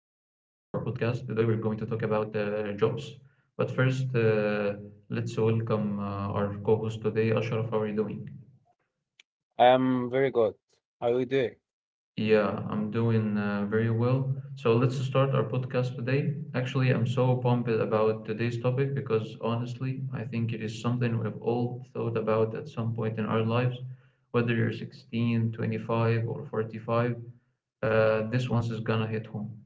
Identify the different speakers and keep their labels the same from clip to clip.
Speaker 1: podcast. Today, we're going to talk about jobs. But first, let's welcome our co host today, Ashraf. How are you doing?
Speaker 2: I'm very good. How are you doing?
Speaker 1: Yeah, I'm doing very well. So, let's start our podcast today. Actually, I'm so pumped about today's topic because honestly, I think it is something we've all thought about at some point in our lives, whether you're 16, 25, or 45. This one's is gonna hit home.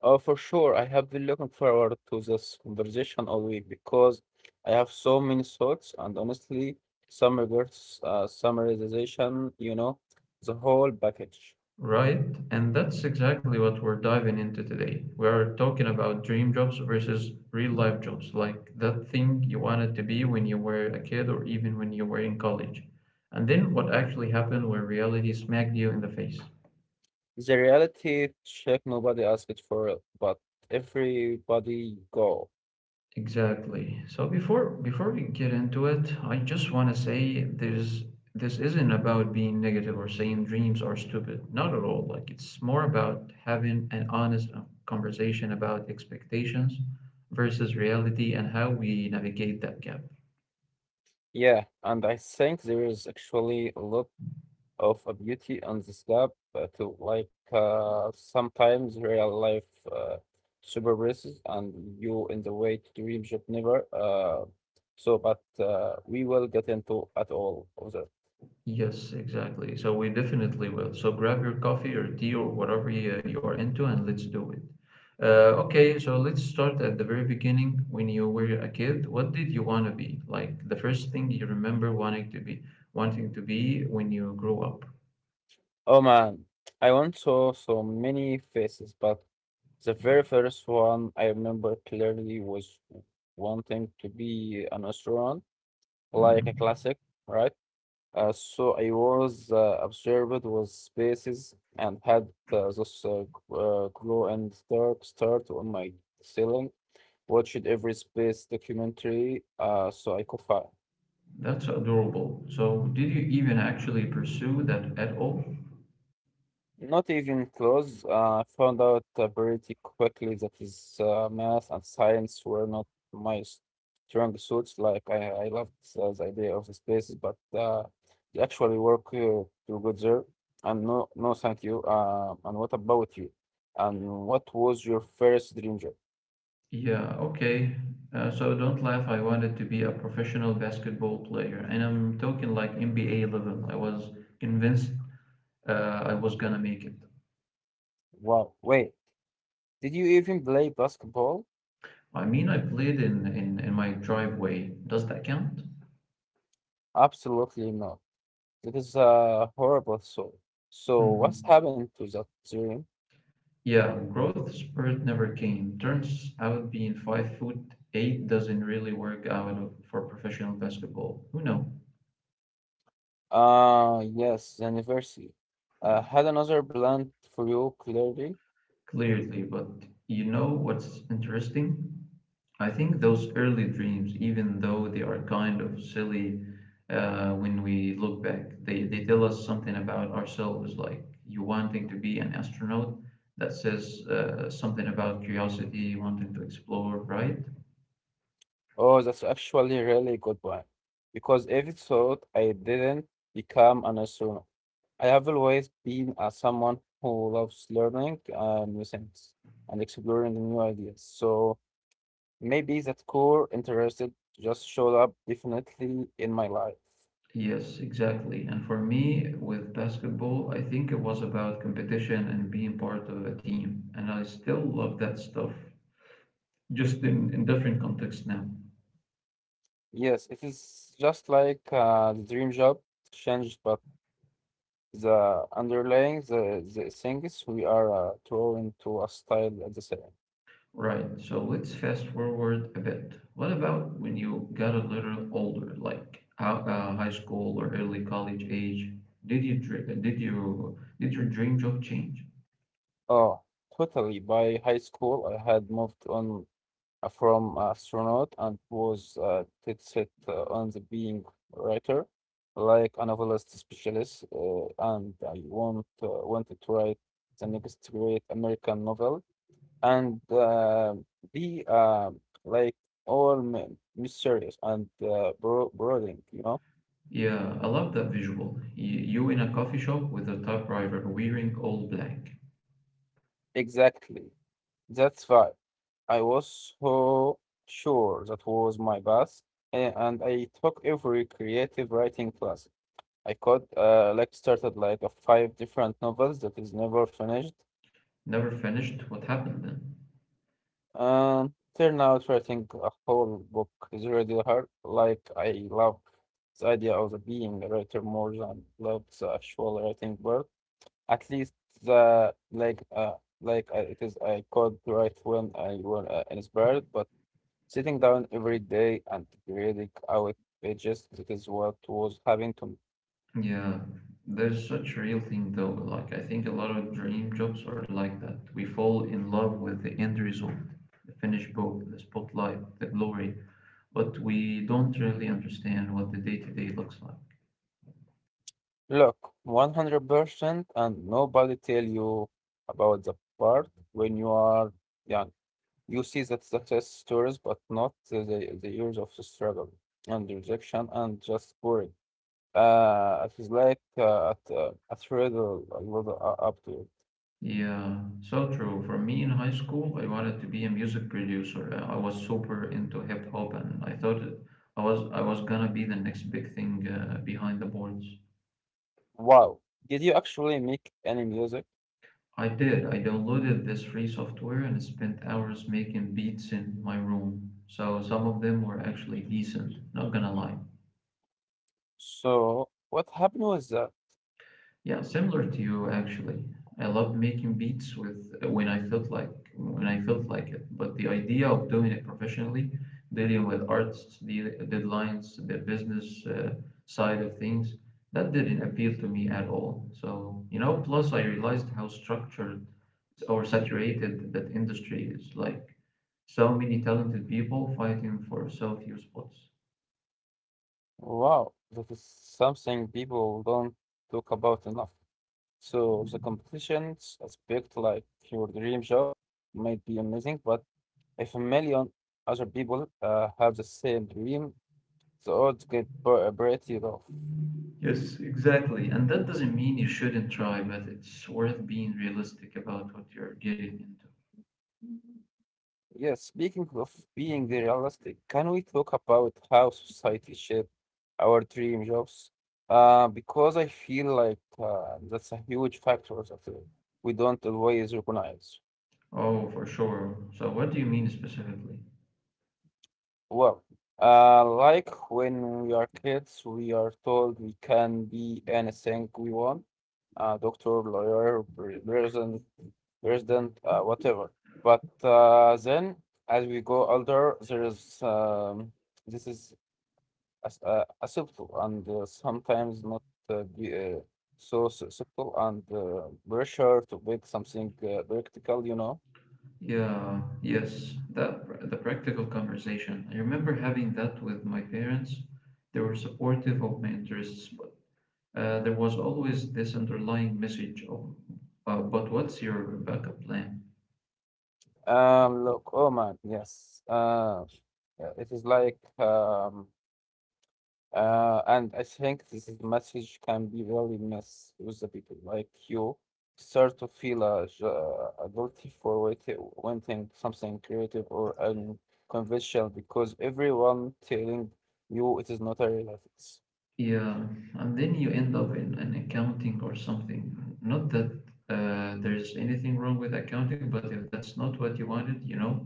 Speaker 2: Oh, for sure. I have been looking forward to this conversation all week because I have so many thoughts and honestly, some regrets, summarization, the whole package.
Speaker 1: Right, and that's exactly what we're diving into today. We are talking about dream jobs versus real life jobs, like that thing you wanted to be when you were a kid or even when you were in college. And then what actually happened when reality smacked you in the face.
Speaker 2: The reality check nobody asked for it, but everybody go.
Speaker 1: Exactly. So before we get into it, I just want to say there's this isn't about being negative or saying dreams are stupid. Not at all. Like it's more about having an honest conversation about expectations versus reality and how we navigate that gap.
Speaker 2: Yeah, and I think there is actually a lot of a beauty on the slab to like sometimes real life uh, super races and you in the way to dream job never so but we will get into at all of that.
Speaker 1: Yes, exactly. So we definitely will. So grab your coffee or tea or whatever you are into and let's do it. Okay, so let's start at the very beginning when you were a kid. What did you want to be? Like the first thing you remember wanting to be when you grew up.
Speaker 2: Oh man, I once saw so many faces but the very first one I remember clearly was wanting to be an astronaut, like a
Speaker 1: Hmm.
Speaker 2: classic, right? So I was observed with spaces and had this glow and dark start on my ceiling. Watched every space documentary so I could find.
Speaker 1: That's adorable. So did you even actually pursue that at all?
Speaker 2: Not even close. I found out pretty quickly that his math and science were not my strong suits. Like I loved the idea of the spaces, but the actual work to get there, and no, no, thank you. And what about you? And what was your first dream job?
Speaker 1: Yeah, okay. So don't laugh. I wanted to be a professional basketball player, and I'm talking like NBA level. I was convinced I was gonna make it.
Speaker 2: Wow. Wait, did you even play basketball?
Speaker 1: I mean, I played in my driveway. Does that count?
Speaker 2: Absolutely not. That is a horrible thought. So what's
Speaker 1: Hmm.
Speaker 2: happened to that dream?
Speaker 1: Yeah, growth spurt never came. Turns out being 5'8" doesn't really work out of- for professional basketball. Who know?
Speaker 2: Ah, yes, the anniversary. I had another plan for you, clearly.
Speaker 1: Clearly, but you know what's interesting? I think those early dreams, even though they are kind of silly when we look back, they tell us something about ourselves. Like you wanting to be an astronaut, that says something about curiosity, wanting to explore, right?
Speaker 2: Oh, that's actually a really good one. Because every thought I didn't become an astronaut. I have always been someone who loves learning new things and exploring new ideas. So maybe that core interest just showed up definitely in my life.
Speaker 1: Yes, exactly. And for me, with basketball, I think it was about competition and being part of a team. And I still love that stuff, just in different contexts now.
Speaker 2: Yes, it is just like the dream job changed, but the underlying the things we are drawing to a style at the same.
Speaker 1: Right. So let's fast forward a bit. What about when you got a little older, like high school or early college age? Did you dr- did you did your dream job change?
Speaker 2: Oh, totally. By high school, I had moved on from astronaut and was set on the being writer, like a novelist specialist, and I want wanted to write the next great American novel and be like all men mysterious and brooding, you know.
Speaker 1: Yeah, I love that visual. You in a coffee shop with a typewriter, wearing all black.
Speaker 2: Exactly. That's right. I was so sure that was my path, and I took every creative writing class I could. Like started like a five different novels that is never finished,
Speaker 1: Never finished. What happened then?
Speaker 2: and turn out writing a whole book is really hard. Like I love the idea of the being a writer more than love the actual writing part. At least the it is I could write when I were inspired, but sitting down every day and grading out pages, that is what was happening to me.
Speaker 1: Yeah, there's such a real thing though. Like I think a lot of dream jobs are like that. We fall in love with the end result, the finished book, the spotlight, the glory, but we don't really understand what the day-to-day looks like.
Speaker 2: Look, 100% and nobody tell you about the part when you are young. You see the success stories, but not the years of the struggle and rejection and just boring. It is like a thrill a little up to it.
Speaker 1: Yeah, so true. For me in high school, I wanted to be a music producer. I was super into hip hop and I thought I was gonna be the next big thing behind the boards.
Speaker 2: Wow, did you actually make any music?
Speaker 1: I did. I downloaded this free software and spent hours making beats in my room. So some of them were actually decent, not gonna lie.
Speaker 2: So what happened was that?
Speaker 1: Yeah, similar to you actually. I loved making beats with when I felt like it, but the idea of doing it professionally, dealing with artists, deadlines, the business side of things, that didn't appeal to me at all. So, you know, plus I realized how structured or saturated that industry is, like so many talented people fighting for so few spots.
Speaker 2: Wow, that is something people don't talk about enough. So the
Speaker 1: Mm-hmm.
Speaker 2: competitions aspect, like your dream job, might be amazing, but if a million other people have the same dream, the odds get pretty rough.
Speaker 1: Yes, exactly. And that doesn't mean you shouldn't try, but it's worth being realistic about what you're getting into.
Speaker 2: Yes, speaking of being realistic, can we talk about how society shapes our dream jobs? Because I feel like that's a huge factor that we don't always recognize.
Speaker 1: Oh, for sure. So, what do you mean specifically?
Speaker 2: Well, like when we are kids, we are told we can be anything we want, doctor, lawyer, president, whatever. But then, as we go older, there is this is as, acceptable and sometimes not uh, be, uh, acceptable and pressure to make something practical, you know.
Speaker 1: Yes, the practical conversation. I remember having that with my parents. They were supportive of my interests, but there was always this underlying message of, but what's your backup plan?
Speaker 2: Look, oh man, yes. Yeah, it is like, and I think this is message can be really mess with the people. Like you start to feel a guilty for wanting something creative or unconventional because everyone telling you it is not a reality.
Speaker 1: Yeah, and then you end up in an accounting or something. Not that there's anything wrong with accounting, but if that's not what you wanted, you know,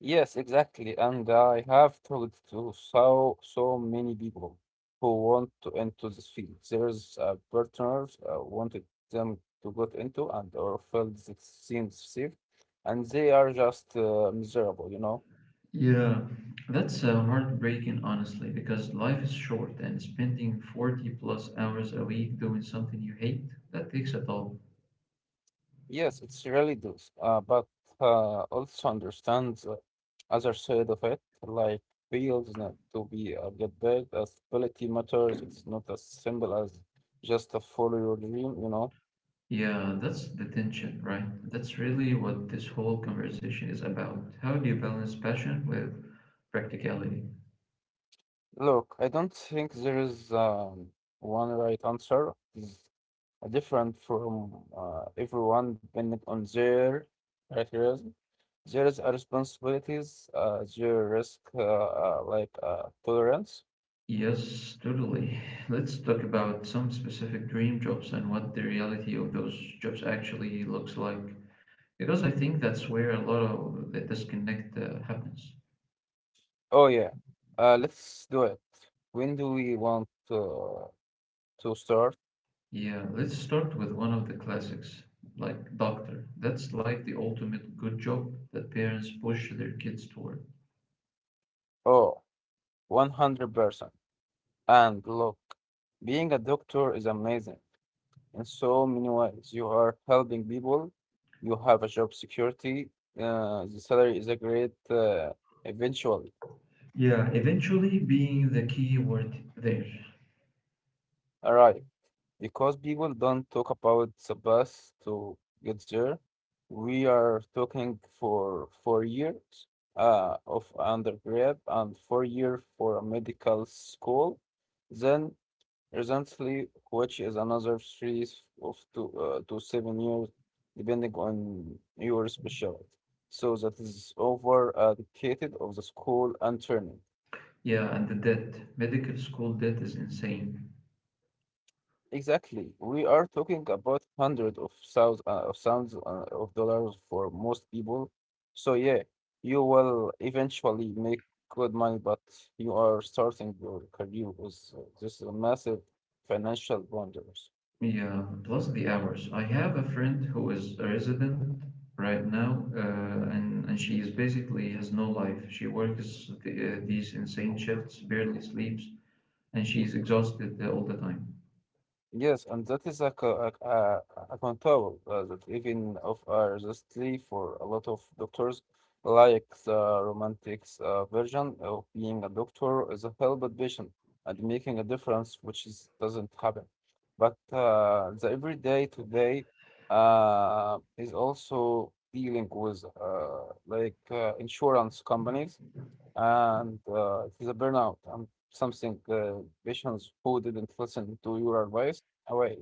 Speaker 2: Yes, exactly. And I have talked to so many people who want to into this field. There's partners wanted them to get into and or felt it seems safe, and they are just miserable, you know.
Speaker 1: yeah, that's heartbreaking, honestly, because life is short and spending 40 plus hours a week doing something you hate, that takes a toll.
Speaker 2: Yes, it's really does. But also understand the other side of it, like feels not to be a get back as quality matters. It's not as simple as just to follow your dream, you know.
Speaker 1: Yeah, that's the tension, right? That's really what this whole conversation is about. How do you balance passion with practicality?
Speaker 2: Look, I don't think there is one right answer. It's different from everyone depending on their criteria. There is a responsibilities, their risk, like tolerance.
Speaker 1: Yes, totally. Let's talk about some specific dream jobs and what the reality of those jobs actually looks like. Because I think that's where a lot of the disconnect happens.
Speaker 2: Oh yeah, let's do it. When do we want to start?
Speaker 1: Yeah, let's start with one of the classics, like Doctor. That's like the ultimate good job that parents push their kids toward.
Speaker 2: Oh, 100%. And look, being a doctor is amazing in so many ways. You are helping people, you have a job security, the salary is a great eventual
Speaker 1: Yeah, eventually being the key word there.
Speaker 2: arrive. Because people don't talk about the bus to get there, we are talking for 4 years of undergrad and 4 year for a medical school. Then recently, which is another three s- of two to 7 years, depending on your specialty. So that is over a decade of the school and training.
Speaker 1: Yeah, and the debt. Medical school debt is insane.
Speaker 2: Exactly, we are talking about hundreds of thousands of dollars for most people. So yeah, you will eventually make good money, but you are starting your career with this massive financial bondage.
Speaker 1: Yeah, plus the hours. I have a friend who is a resident right now, and she is basically has no life. She works these insane shifts, barely sleeps, and she's exhausted all the time.
Speaker 2: Yes, and that is a, co- a control that even of justly for a lot of doctors, like the romantics version of being a doctor is a helped patient and making a difference, which is doesn't happen. But the everyday today is also dealing with insurance companies and it is a burnout and something patients who didn't listen to your advice away.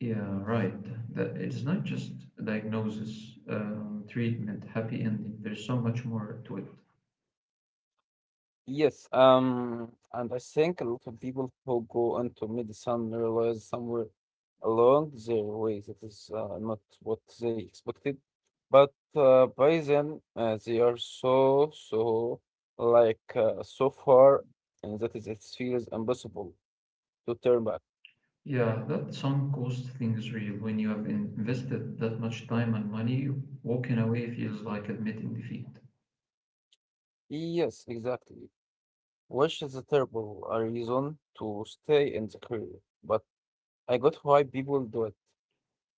Speaker 1: Yeah, right. That it is not just a diagnosis, treatment, happy ending. There's so much more to it.
Speaker 2: Yes, and I think a lot of people who go into medicine realize somewhere along their way that is not what they expected, but by then they are so so far, and that is it feels impossible to turn back.
Speaker 1: Yeah, that some cost thing is real. When you have invested that much time and money, walking away feels like admitting defeat.
Speaker 2: Yes, exactly. Which is a terrible a reason to stay in the career, but I got why people do it.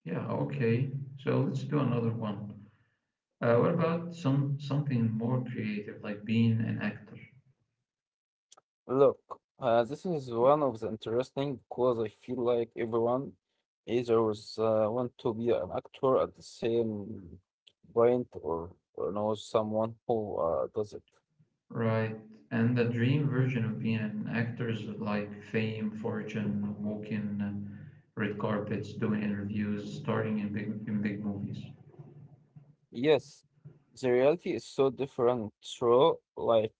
Speaker 1: Yeah, okay. So let's do another one. What about something more creative, like being an actor?
Speaker 2: Look, this is one of the interesting because I feel like everyone either was, want to be an actor at the same point or knows someone who does it.
Speaker 1: Right. And the dream version of being an actor is like fame, fortune, walking red carpets, doing interviews, starting in big movies.
Speaker 2: Yes, the reality is so different through life.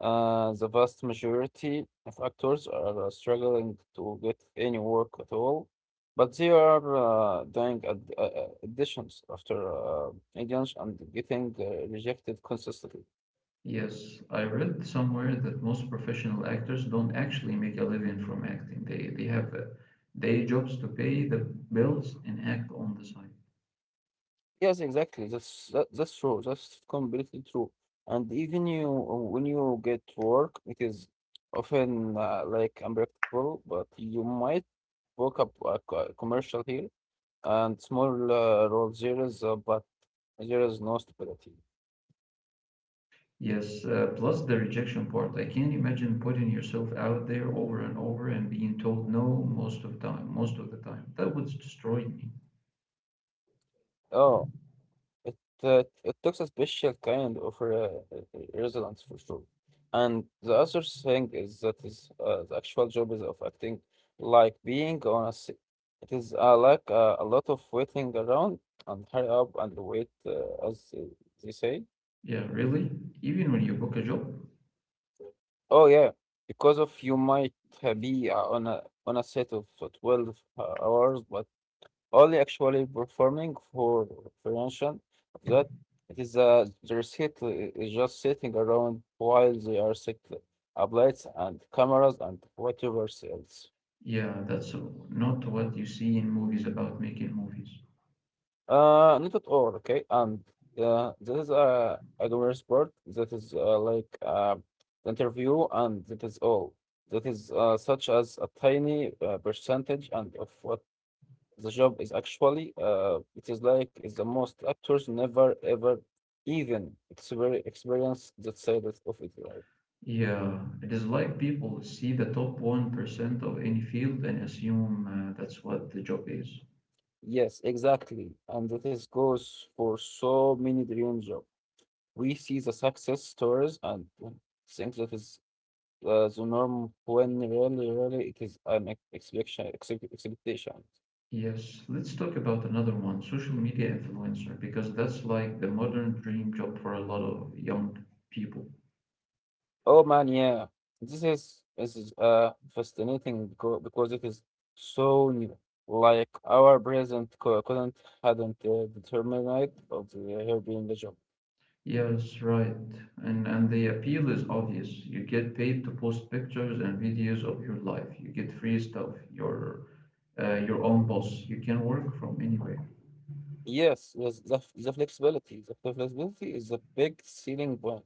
Speaker 2: The vast majority of actors are struggling to get any work at all, but they are doing auditions after auditions and getting rejected consistently.
Speaker 1: Yes, I read somewhere that most professional actors don't actually make a living from acting. They have day jobs to pay the bills and act on the side.
Speaker 2: Yes, exactly. That's true. That's completely true. And even you, when you get work, it is often like unpredictable. But you might book up a commercial here and small role. There is no stability.
Speaker 1: Yes, plus the rejection part. I can't imagine putting yourself out there over and over and being told no most of the time. That would destroy me.
Speaker 2: Oh, it it takes a special kind of re resonance for sure. And the other thing is that is the actual job is of acting, like being on a it is a lot of waiting around and hurry up and wait as they say.
Speaker 1: Yeah, really? Even when you book a job?
Speaker 2: Oh yeah, because of you might be on a set of 12 hours, but only actually performing for prevention of that. It is their seat is just sitting around while they are set up lights and cameras and whatever else.
Speaker 1: Yeah, that's not what you see in movies about making movies.
Speaker 2: Not at all, okay? And this is a glamorous sport that is interview, and that is all. That is such as a tiny percentage and of what the job is actually, it is like it's the most actors never ever even experience that side of it, right?
Speaker 1: Yeah, it is like people see the top 1% of any field and assume that's what the job is.
Speaker 2: Yes, exactly. And that is goes for so many dream job. We see the success stories and we think that is the norm when really it is an expectation, expectation.
Speaker 1: Yes, let's talk about another one, social media influencer, because that's like the modern dream job for a lot of young people.
Speaker 2: Oh man, yeah. This is fascinating because it is so new. Like our present co couldn't hadn't determined of the, her being the job.
Speaker 1: Yes, right. And the appeal is obvious. You get paid to post pictures and videos of your life. You get free stuff. You're Your own boss. You can work from anywhere.
Speaker 2: Yes, yes. The flexibility is a big selling point,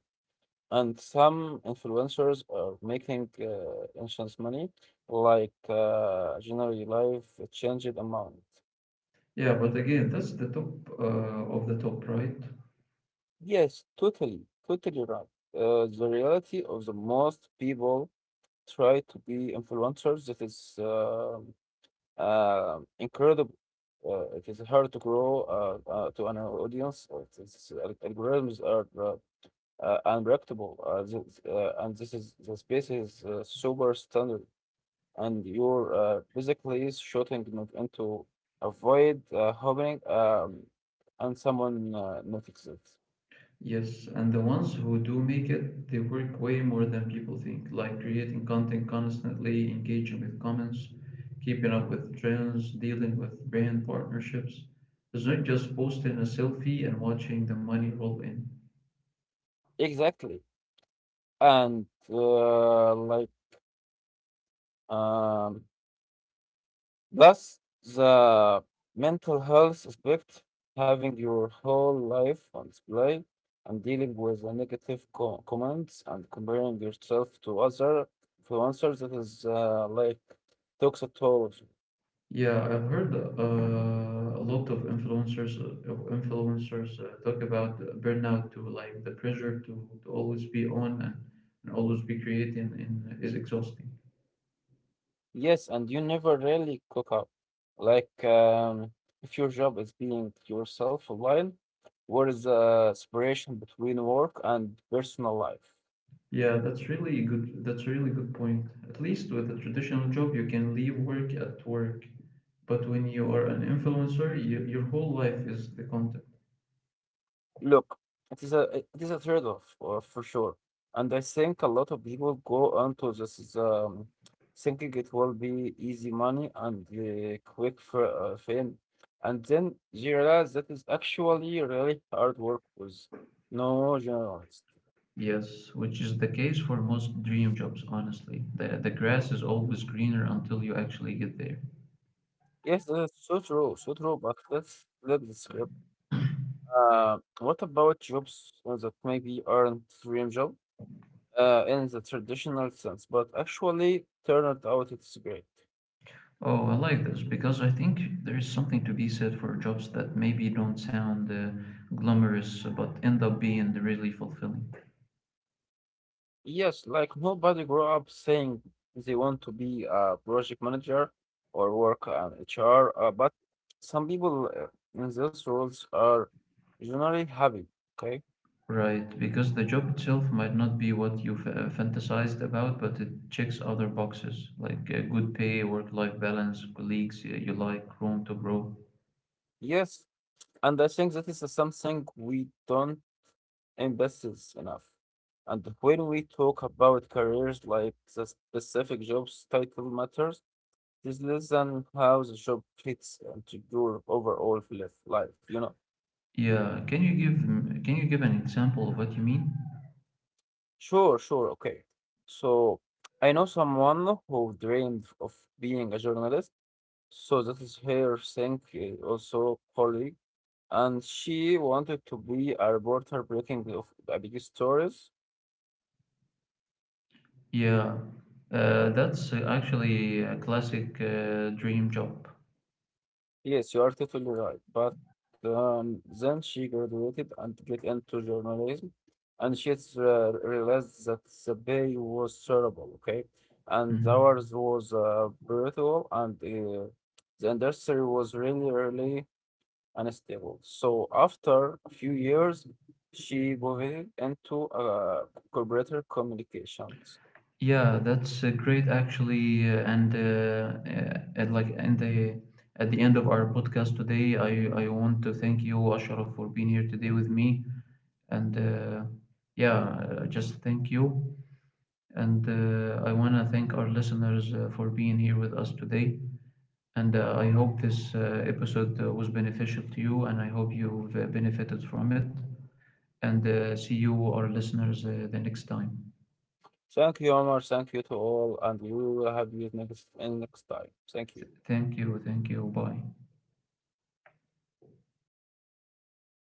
Speaker 2: and some influencers are making insurance money, like generally life changed amount.
Speaker 1: Yeah, but again, that's the top uh, of the top, right?
Speaker 2: Yes, totally, totally right. The reality of the most people try to be influencers. It is incredible. It is hard to grow to an audience. It is, algorithms are unpredictable, and this is the space is super standard. And you're basically shooting not into a void happening, and someone notices it.
Speaker 1: Yes, and the ones who do make it, they work way more than people think, like creating content constantly, engaging with comments, keeping up with trends, dealing with brand partnerships. It's not just posting a selfie and watching the money roll in.
Speaker 2: Exactly, and Um, plus, the mental health aspect, having your whole life on display and dealing with the negative comments and comparing yourself to other influencers, that is like toxicology.
Speaker 1: Yeah, I've heard a lot of influencers talk about burnout too, like the pressure to always be on and always be creating and is exhausting.
Speaker 2: Yes, and you never really cook up. Like, if your job is being yourself a while, where is the separation between work and personal life?
Speaker 1: Yeah, that's really good. That's a really good point. At least with a traditional job, you can leave work at work. But when you are an influencer, your whole life is the content.
Speaker 2: Look, it is a it is a trade-off for sure, and I think a lot of people go onto this is, thinking it will be easy money and quick for fame, and then you realize that is actually really hard work with no journalist.
Speaker 1: Yes, which is the case for most dream jobs, honestly. The grass is always greener until you actually get there.
Speaker 2: Yes, that's so true, so true. But let's flip the script. What about jobs that maybe aren't dream job, in the traditional sense, but actually turned out it's great.
Speaker 1: Oh, I like this because I think there is something to be said for jobs that maybe don't sound glamorous but end up being really fulfilling.
Speaker 2: Yes, like nobody grew up saying they want to be a project manager or work on HR, but some people in those roles are generally happy. Okay.
Speaker 1: Right, because the job itself might not be what you fantasized about, but it checks other boxes like good pay, work-life balance, colleagues you like, room to grow.
Speaker 2: Yes. And I think that is something we don't invest is enough. And when we talk about careers, like the specific job's title matters, it is less than how the job fits into your overall life, you know.
Speaker 1: Yeah, can you give an example of what you mean?
Speaker 2: Sure, sure. Okay. So I know someone who dreamed of being a journalist. So that is her thing, also colleague. And she wanted to be a reporter breaking of big stories.
Speaker 1: Yeah, that's actually a classic dream job.
Speaker 2: Yes, you are totally right. But then she graduated and get into journalism, and she realized that the pay was terrible, okay? And
Speaker 1: Mhm.
Speaker 2: ours was brutal, and the industry was really, really unstable. So after a few years, she pivoted into corporate communications.
Speaker 1: Yeah, that's great actually, and like and the at the end of our podcast today, I want to thank you, Ashraf, for being here today with me. And Yeah, just thank you. And I want to thank our listeners for being here with us today. And I hope this episode was beneficial to you, and I hope you've benefited from it. And See you, our listeners, the next time.
Speaker 2: Thank you, Omar. Thank you to all, and we will have you next in next time. Thank you.
Speaker 1: Thank you. Thank you. Bye.